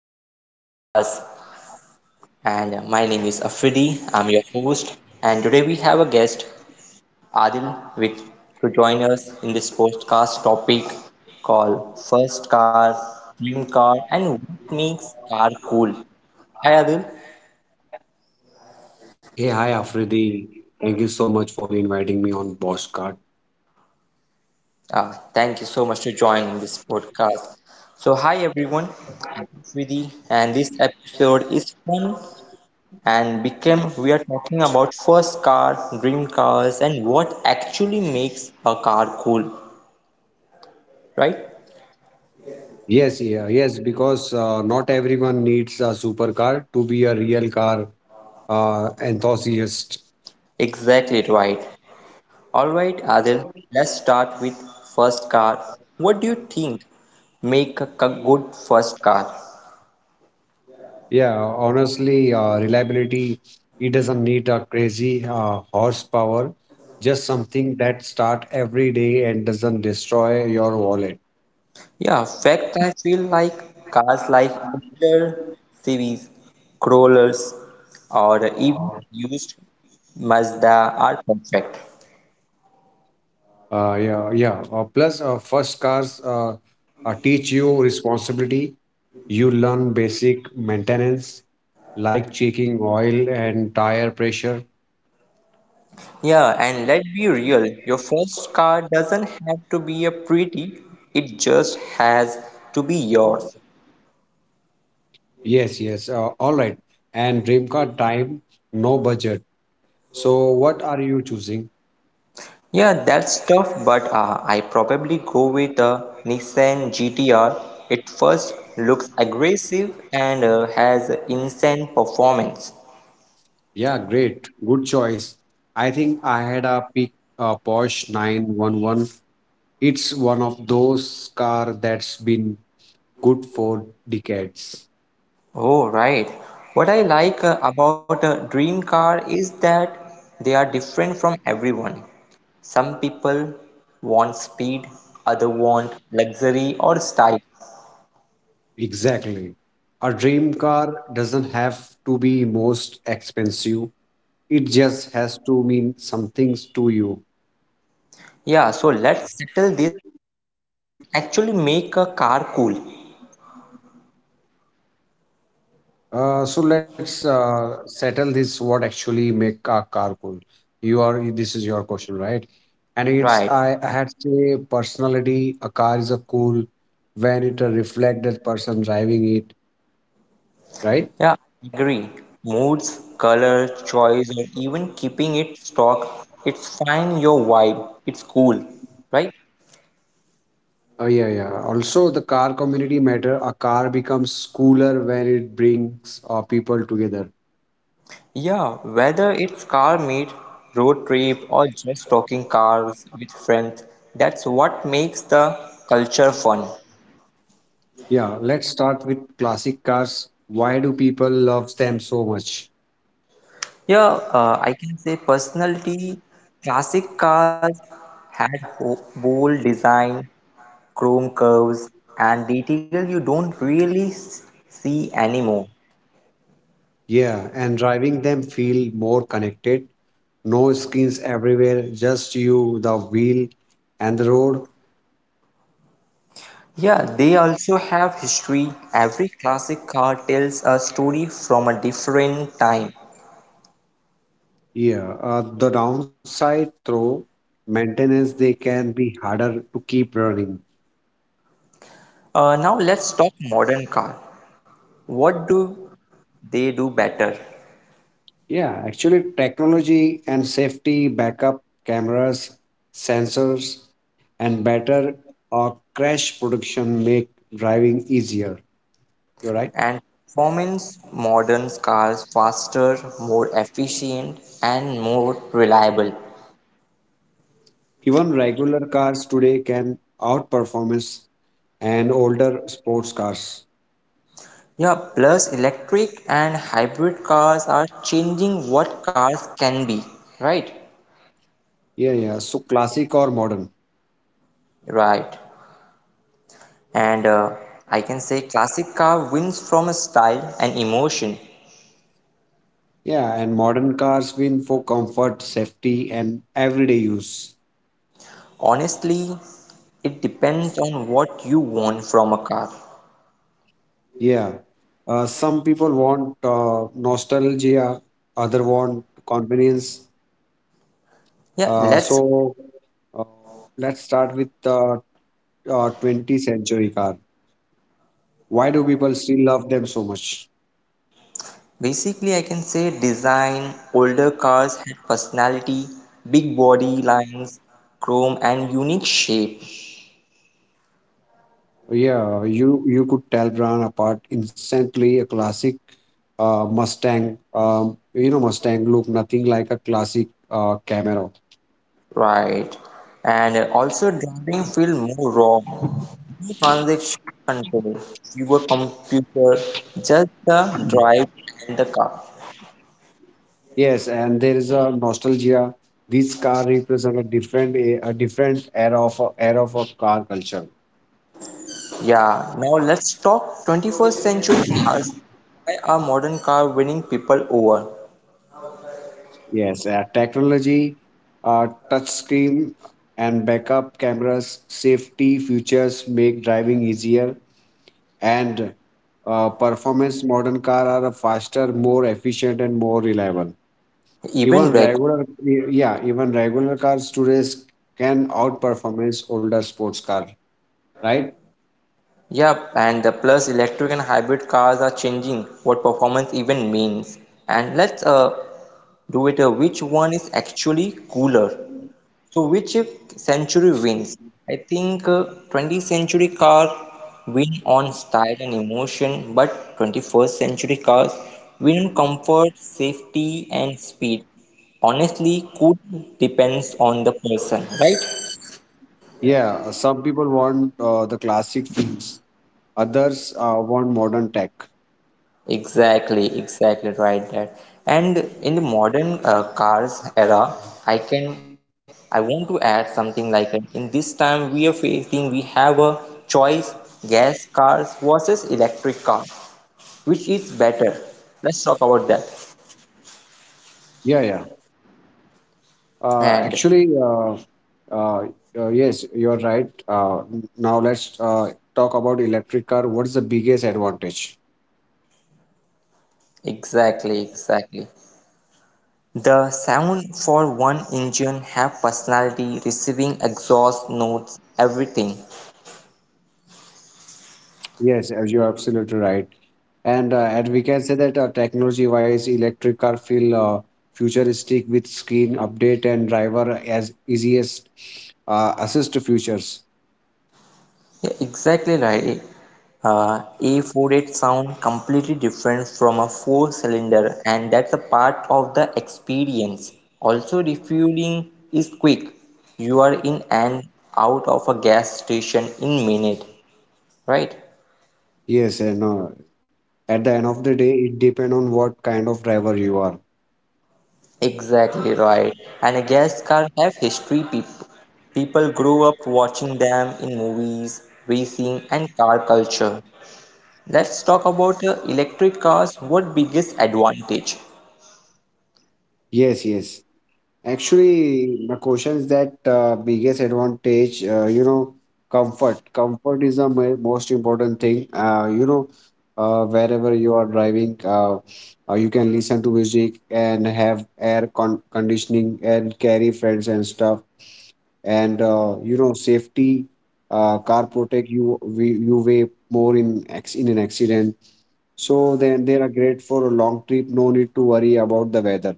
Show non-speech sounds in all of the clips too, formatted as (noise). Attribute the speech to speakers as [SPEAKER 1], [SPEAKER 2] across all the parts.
[SPEAKER 1] back to podcast. And my name is Afridi. I'm your host, and today we have a guest, Adil, with to join us in this podcast topic called First Car, Dream Car, and What Makes Car Cool." Hi, Adil.
[SPEAKER 2] Hey, hi Afridi. Thank you so much for inviting me on Bosscard.
[SPEAKER 1] Thank you so much to join in this podcast. So, hi everyone, I'm Afridi, and this episode is fun and Bikram, we are talking about first car, dream cars, and what actually makes a car cool, right?
[SPEAKER 2] Yes, yeah, yes, because not everyone needs a supercar to be a real car enthusiast.
[SPEAKER 1] Exactly right. All right, Adil, let's start with first car. What do you think make a good first car?
[SPEAKER 2] Yeah, honestly, reliability, it doesn't need a crazy horsepower, just something that start every day and doesn't destroy your wallet.
[SPEAKER 1] Yeah, fact I feel like cars like Inter series, crawlers, or even used Mazda are perfect.
[SPEAKER 2] Yeah. Plus, first cars teach you responsibility. You learn basic maintenance like checking oil and tire pressure.
[SPEAKER 1] Yeah, and let's be real, your first car doesn't have to be a pretty, it just has to be yours.
[SPEAKER 2] Yes, yes. All right. And dream car time, no budget. So what are you choosing?
[SPEAKER 1] Yeah, that's tough, but I probably go with a Nissan GT-R. It first looks aggressive and has insane performance.
[SPEAKER 2] Yeah, great. Good choice. I think I had a pick Porsche 911. It's one of those car that's been good for decades.
[SPEAKER 1] Oh, right. What I like about a dream car is that they are different from everyone. Some people want speed, other want luxury or style.
[SPEAKER 2] Exactly. A dream car doesn't have to be most expensive. It just has to mean some things to you.
[SPEAKER 1] Yeah, so let's settle this. What actually make a car cool?
[SPEAKER 2] So Let's settle this. What actually make a car cool? You are this is your question, right? And it's
[SPEAKER 1] Right.
[SPEAKER 2] I, I had say personality. A car is a cool when it reflects that person driving it, right?
[SPEAKER 1] Yeah, agree. Moods, color, choice, or even keeping it stock. It's fine your vibe. It's cool. Right?
[SPEAKER 2] Oh yeah, yeah. Also, the car community matter. A car becomes cooler when it brings people together.
[SPEAKER 1] Yeah, whether it's car meet, road trip, or just talking cars with friends, that's what makes the culture fun.
[SPEAKER 2] Yeah, let's start with classic cars. Why do people love them so much?
[SPEAKER 1] Yeah, I can say personality, classic cars had bold design, chrome curves and detail you don't really see anymore.
[SPEAKER 2] Yeah, and driving them feel more connected. No screens everywhere, just you, the wheel, and the road.
[SPEAKER 1] Yeah, they also have history. Every classic car tells a story from a different time.
[SPEAKER 2] Yeah, the downside through maintenance, they can be harder to keep running.
[SPEAKER 1] Now let's talk modern car. What do they do better?
[SPEAKER 2] Yeah, actually, technology and safety, backup cameras, sensors, and better crash production make driving easier. You're right.
[SPEAKER 1] And performance modern cars faster, more efficient, and more reliable.
[SPEAKER 2] Even regular cars today can outperform and older sports cars.
[SPEAKER 1] Yeah, plus electric and hybrid cars are changing what cars can be, right?
[SPEAKER 2] Yeah, yeah. So classic or modern?
[SPEAKER 1] Right. And I can say classic car wins from a style and emotion.
[SPEAKER 2] Yeah, and modern cars win for comfort, safety, and everyday use.
[SPEAKER 1] Honestly, it depends on what you want from a car.
[SPEAKER 2] Yeah. Some people want nostalgia, other want convenience.
[SPEAKER 1] Yeah,
[SPEAKER 2] Uh,
[SPEAKER 1] let's
[SPEAKER 2] so uh, let's start with the 20th century car. Why do people still love them so much?
[SPEAKER 1] basically, I can say design. Older cars had personality, big body lines, chrome, and unique shape.
[SPEAKER 2] Yeah, you could tell brand apart instantly. A classic Mustang, you know, Mustang look nothing like a classic Camaro.
[SPEAKER 1] Right. And also, driving feel more raw. No transaction control, fewer computer, just the drive and the car.
[SPEAKER 2] Yes, and there is a nostalgia. This car represent a different a different era of a car culture.
[SPEAKER 1] Yeah, now let's talk 21st century cars. Why are modern car winning people over?
[SPEAKER 2] Yes, technology, touch screen, and backup cameras, safety features make driving easier. And performance modern car are faster, more efficient, and more reliable.
[SPEAKER 1] Even
[SPEAKER 2] even
[SPEAKER 1] reg
[SPEAKER 2] regular yeah even regular cars today can outperformance older sports car, right?
[SPEAKER 1] Yeah, and the plus electric and hybrid cars are changing what performance even means. And let's do it which one is actually cooler. So which century wins? I think 20th century car win on style and emotion, but 21st century cars win on comfort, safety, and speed. Honestly, could depends on the person, right?
[SPEAKER 2] Yeah some people want the classic things. Others want modern tech.
[SPEAKER 1] Exactly, exactly right there. And in the modern cars era, I can I want to add something like it. In this time we are facing we have a choice gas cars versus electric car, which is better. Let's talk about that.
[SPEAKER 2] yeah yeah uh,
[SPEAKER 1] And
[SPEAKER 2] actually uh, uh, uh, yes you're right. Now let's talk about electric car. What is the biggest advantage?
[SPEAKER 1] exactly, exactly. The sound for one engine have personality, receiving exhaust notes, everything.
[SPEAKER 2] Yes, as you're absolutely right. And we can say that technology-wise, electric car feel futuristic with screen update and driver as easiest assist features.
[SPEAKER 1] Yeah, exactly right. A48 sound completely different from a four cylinder, and that's a part of the experience. Also, refueling is quick. You are in and out of a gas station in minute, right?
[SPEAKER 2] Yes, and at the end of the day, it depend on what kind of driver you are.
[SPEAKER 1] Exactly right. And a gas car have history. People grew up watching them in movies, racing, and car culture. Let's talk about electric cars. What biggest advantage?
[SPEAKER 2] Yes, yes. Actually, my question is that biggest advantage, you know, comfort. Comfort is the most important thing. Wherever you are driving, you can listen to music and have air con conditioning and carry friends and stuff. And you know, safety, car protect you way more in in an accident. So then they are great for a long trip. No need to worry about the weather.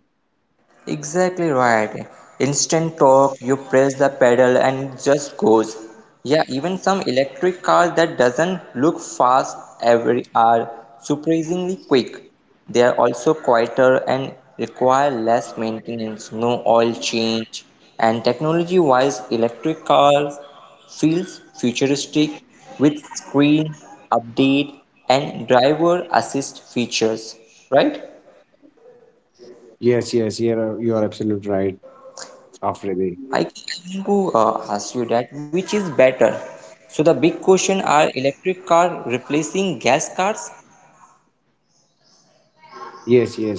[SPEAKER 1] Exactly right. Instant torque, you press the pedal and it just goes. Yeah, even some electric cars that doesn't look fast every are surprisingly quick. They are also quieter and require less maintenance, no oil change. And technology-wise, electric cars feels futuristic with screen update and driver assist features, right?
[SPEAKER 2] Yes, yes, you are absolutely right, Afridi.
[SPEAKER 1] I want to ask you that which is better? So the big question are electric car replacing gas cars?
[SPEAKER 2] Yes, yes,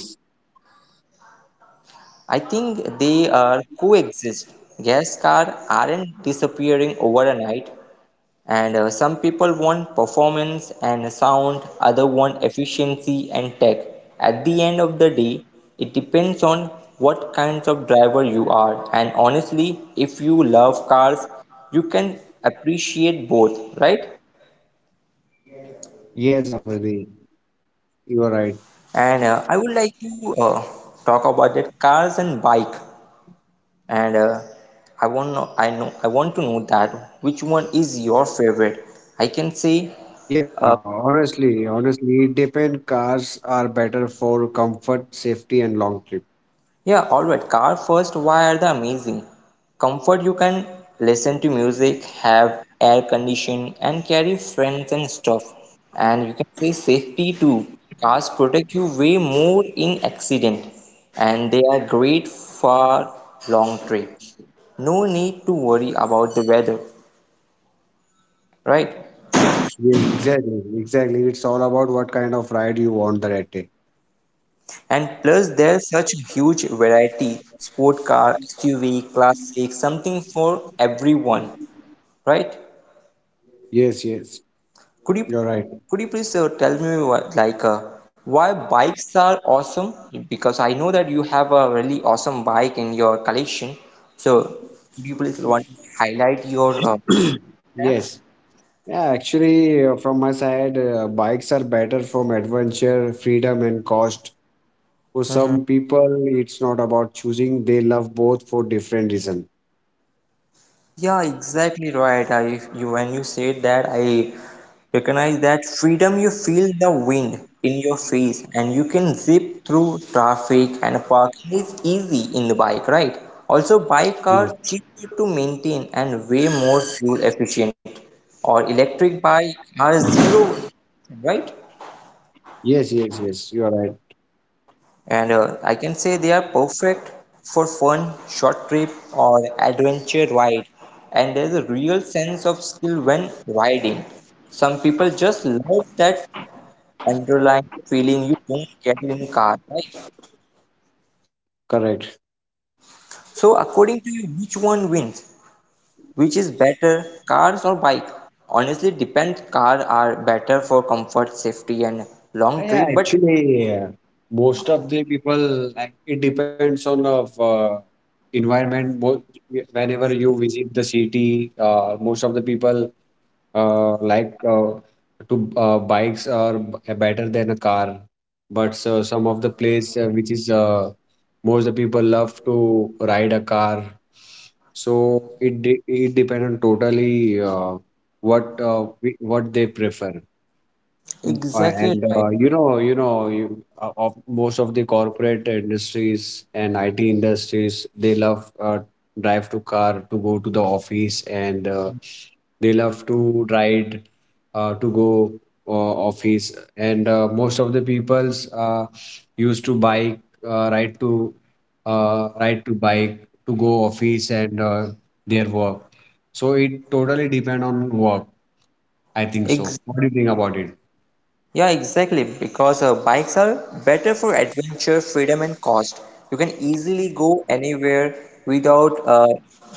[SPEAKER 1] I think they are coexist. Gas car aren't disappearing overnight, and some people want performance and sound, other want efficiency and tech. At the end of the day, it depends on what kinds of driver you are, and honestly, if you love cars, you can appreciate both, right?
[SPEAKER 2] yes, Afridi. You are right.
[SPEAKER 1] And I would like to talk about that cars and bike. And I know I want to know that which one is your favorite. I can say
[SPEAKER 2] Yeah,
[SPEAKER 1] uh,
[SPEAKER 2] honestly, honestly, depend cars are better for comfort, safety, and long trip.
[SPEAKER 1] Yeah, alright. Car first, why are the amazing? Comfort you can listen to music, have air condition and carry friends and stuff. And you can say safety too. Cars protect you way more in accident and they are great for long trip. No need to worry about the weather, right?
[SPEAKER 2] Yes, exactly, exactly. It's all about what kind of ride you want that day.
[SPEAKER 1] And plus there's such a huge variety. Sport car, SUV, classic, something for everyone, right?
[SPEAKER 2] Yes, yes,
[SPEAKER 1] Could you
[SPEAKER 2] you're right.
[SPEAKER 1] could you please tell me what, like, why bikes are awesome? Because I know that you have a really awesome bike in your collection. So, could you please want to highlight your
[SPEAKER 2] (clears throat) Yes. Yeah, actually, from my side, bikes are better from adventure, freedom, and cost. For
[SPEAKER 1] app?
[SPEAKER 2] some people, it's not about choosing. They love both for different reason.
[SPEAKER 1] Yeah, exactly right. I you When you said that I recognize that freedom you feel the wind in your face and you can zip through traffic and parking is easy in the bike, right? Also bike are
[SPEAKER 2] Yes,
[SPEAKER 1] cheaper to maintain and way more fuel efficient or electric bike are zero, right?
[SPEAKER 2] yes, yes, yes. You are right.
[SPEAKER 1] And I can say they are perfect for fun, short trip, or adventure ride. And there's a real sense of skill when riding. Some people just love that underlying feeling you don't get in car, right?
[SPEAKER 2] Correct.
[SPEAKER 1] So according to you, which one wins? Which is better, cars or bike? Honestly, depends. Car are better for comfort, safety, and
[SPEAKER 2] Yeah,
[SPEAKER 1] long
[SPEAKER 2] yeah,
[SPEAKER 1] trip. But
[SPEAKER 2] actually, most of the people, like, it depends on of environment. Both whenever you visit the city, most of the people like to bikes are better than a car. But so some of the place which is most the people love to ride a car. So it depends on totally what they prefer.
[SPEAKER 1] exactly
[SPEAKER 2] And
[SPEAKER 1] right.
[SPEAKER 2] of most of the corporate industries and IT industries, they love drive to car to go to the office, and they love to ride to go office. And most of the peoples used to bike, uh, ride to ride to bike to go office and their work. So it totally depend on work, I think so.
[SPEAKER 1] Exactly.
[SPEAKER 2] What do you think about it?
[SPEAKER 1] Yeah, exactly. Because bikes are better for adventure, freedom, and cost. You can easily go anywhere without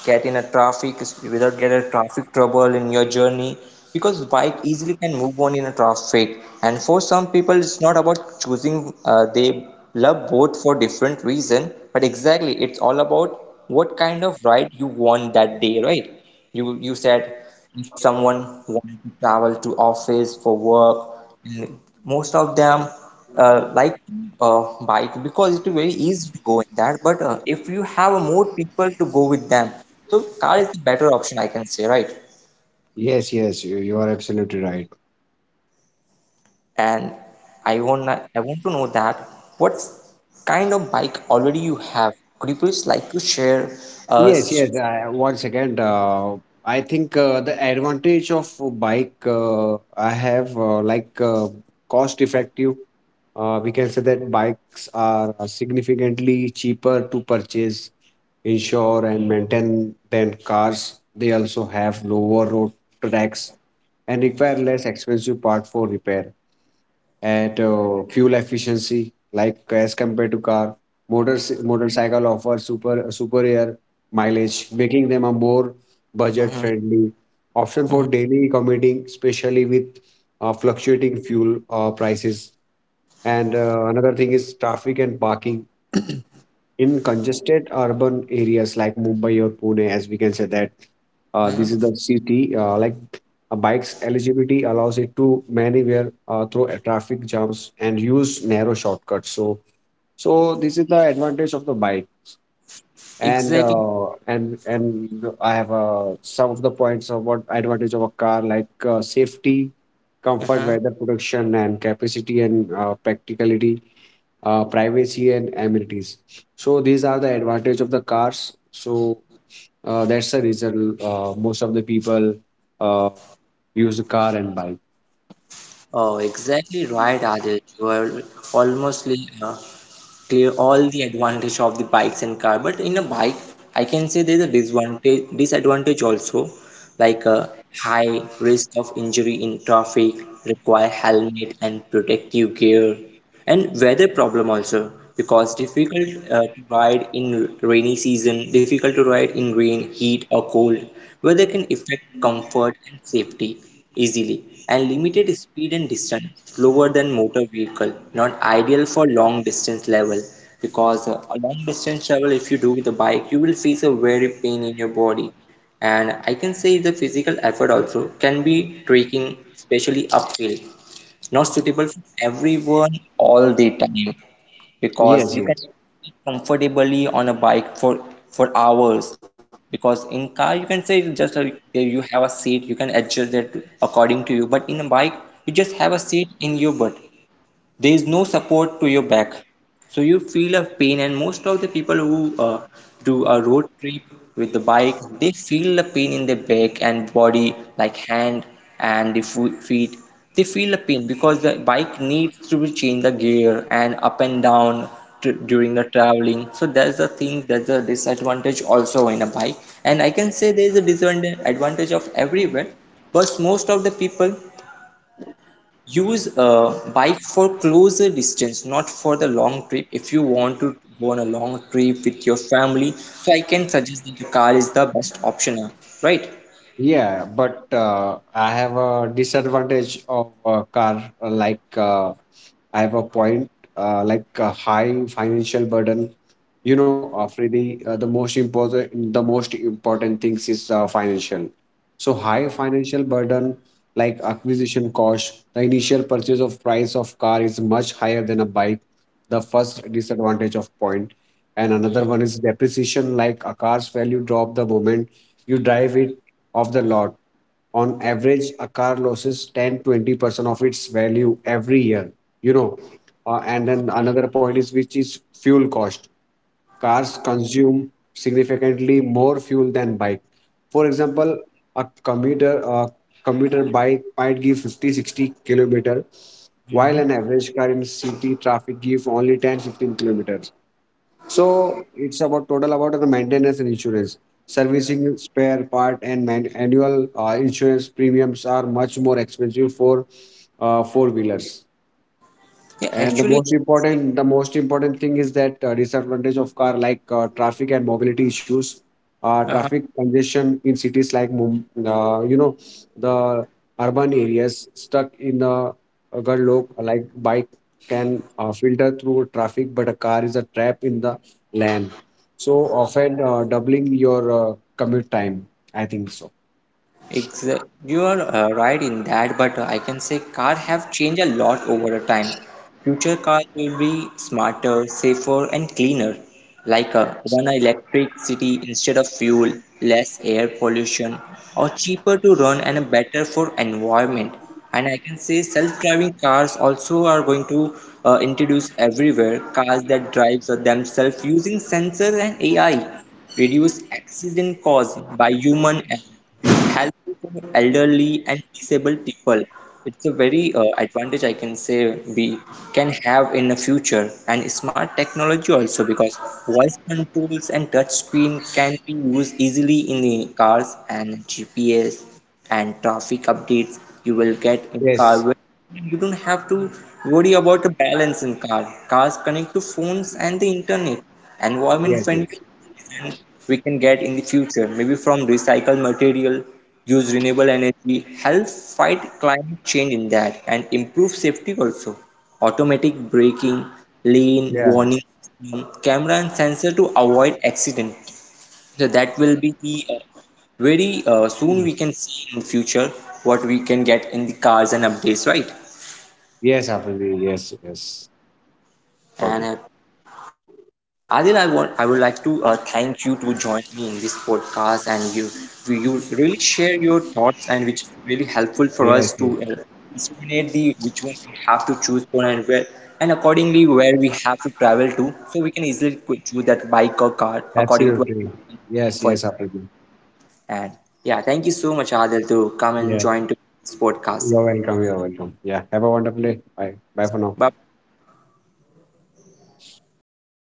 [SPEAKER 1] getting a traffic, without getting a traffic trouble in your journey. Because bike easily can move on in a traffic. And for some people, it's not about choosing. They love both for different reason. But exactly, it's all about what kind of ride you want that day, right? You said if someone wants to travel to office for work and most of them like uh, bike because it's very easy to go in that but if you have more people to go with them so car is the better option I can say, right?
[SPEAKER 2] Yes, yes, you are absolutely right.
[SPEAKER 1] And I want to know that what kind of bike already you have. Could you please like to share uh,
[SPEAKER 2] Yes, yes.
[SPEAKER 1] sh-
[SPEAKER 2] I, once again, I think the advantage of a bike, I have like cost effective. We can say that bikes are significantly cheaper to purchase, insure, and maintain than cars. They also have lower road tax and require less expensive part for repair. At fuel efficiency, like as compared to car, motors motorcycle offer superior mileage, making them a more budget
[SPEAKER 1] mhm,
[SPEAKER 2] friendly option for
[SPEAKER 1] mhm,
[SPEAKER 2] daily commuting, especially with fluctuating fuel prices. And another thing is traffic and parking. (clears throat) In congested urban areas like Mumbai or Pune, as we can say that this is
[SPEAKER 1] mhm,
[SPEAKER 2] the city. Like a bike's eligibility allows it to maneuver through a traffic jams and use narrow shortcuts. So, so this is the advantage of the bike. And
[SPEAKER 1] exactly,
[SPEAKER 2] uh, and and I have some of the points of what advantage of a car, like safety, comfort,
[SPEAKER 1] mm-hmm.
[SPEAKER 2] weather protection, and capacity and practicality, privacy and amenities. So these are the advantage of the cars. So that's the reason most of the people uh, use a car and bike.
[SPEAKER 1] Oh, exactly right, Adit. You are almost uh, clear all the advantage of the bikes and car. But in a bike, I can say there's a disadvantage also, like a high risk of injury in traffic, require helmet and protective gear, and weather problem also because difficult to ride in rainy season, difficult to ride in rain, heat or cold, weather can affect comfort and safety easily, and limited speed and distance, slower than motor vehicle, not ideal for long distance level. Because a long distance travel if you do with a bike, you will face a very pain in your body. And I can say the physical effort also can be trekking, especially uphill. It's not suitable for everyone all the time because
[SPEAKER 2] Yes,
[SPEAKER 1] you can
[SPEAKER 2] yes.
[SPEAKER 1] sit comfortably on a bike for hours. Because in car you can say just a, you have a seat you can adjust it according to you, but in a bike you just have a seat in your butt, there is no support to your back, so you feel a pain. And most of the people who do a road trip with the bike, they feel the pain in their back and body like hand and the feet, they feel the pain because the bike needs to be change the gear and up and down tr during the traveling. So that's the thing, that's a disadvantage also in a bike. And I can say there is a disadvantage advantage of everywhere, but most of the people use a bike for closer distance, not for the long trip. If you want to go on a long trip with your family, so I can suggest that the car is the best option, right?
[SPEAKER 2] Yeah, but I have a disadvantage of a car. Like I have a point, like a high financial burden. You know Afridi, uh, the most important things is financial. So high financial burden, like acquisition cost, the initial purchase of price of car is much higher than a bike, the first disadvantage of point. And another one is depreciation, like a car's value drop the moment you drive it off the lot. On average, a car loses 10-20% of its value every year, you know. And then another point is which is fuel cost. Cars consume significantly more fuel than bike. For example, a commuter bike might give 50-60 kilometers, while an average car in city traffic give only 10-15 kilometers. So it's about total about the maintenance and insurance. Servicing, spare part, and annual insurance premiums are much more expensive for four wheelers.
[SPEAKER 1] Yeah,
[SPEAKER 2] And
[SPEAKER 1] actually,
[SPEAKER 2] the most important thing is that disadvantage of car, like traffic and mobility issues,
[SPEAKER 1] uh
[SPEAKER 2] traffic congestion in cities like you know, the urban areas stuck in the gridlock. Like bike can filter through traffic, but a car is a trap in the lane. So often doubling your commute time, I think so.
[SPEAKER 1] Exa you are right in that, but I can say car have changed a lot over the time. Future cars will be smarter, safer, and cleaner, like run on electricity instead of fuel, less air pollution, or cheaper to run and better for environment. And I can say self-driving cars also are going to introduce everywhere cars that drives themselves using sensors and AI, reduce accident caused by human, helpful for elderly and disabled people. It's a very advantage I can say we can have in the future. And smart technology also because voice controls and touch screen can be used easily in the cars and GPS and traffic updates you will get in car
[SPEAKER 2] Yes.
[SPEAKER 1] where you don't have to worry about the balance in car. Cars connect to phones and the internet. Environment
[SPEAKER 2] Yes. Yes.
[SPEAKER 1] friendly we can get in the future, maybe from recycled material, use renewable energy, help fight climate change in that, and improve safety also. Automatic braking, lane
[SPEAKER 2] Yeah.
[SPEAKER 1] warning, system, camera and sensor to avoid accident. So that will be the very soon we can see in future what we can get in the cars and updates, right?
[SPEAKER 2] Yes, Afandi. Yes. Yes. Got
[SPEAKER 1] And
[SPEAKER 2] it.
[SPEAKER 1] Adil, I would like to thank you to join me in this podcast, and you really share your thoughts, and which is really helpful for
[SPEAKER 2] Yes.
[SPEAKER 1] us to discriminate the which one we have to choose for and where and accordingly where we have to travel to, so we can easily choose that bike or car according to
[SPEAKER 2] Absolutely.
[SPEAKER 1] our
[SPEAKER 2] Yes, yes,
[SPEAKER 1] comfort.
[SPEAKER 2] absolutely.
[SPEAKER 1] And yeah, thank you so much, Adil, to come and
[SPEAKER 2] Yeah.
[SPEAKER 1] join to this podcast.
[SPEAKER 2] You're welcome. You're welcome. Yeah. Have a wonderful day. Bye. Bye for now.
[SPEAKER 1] Bye.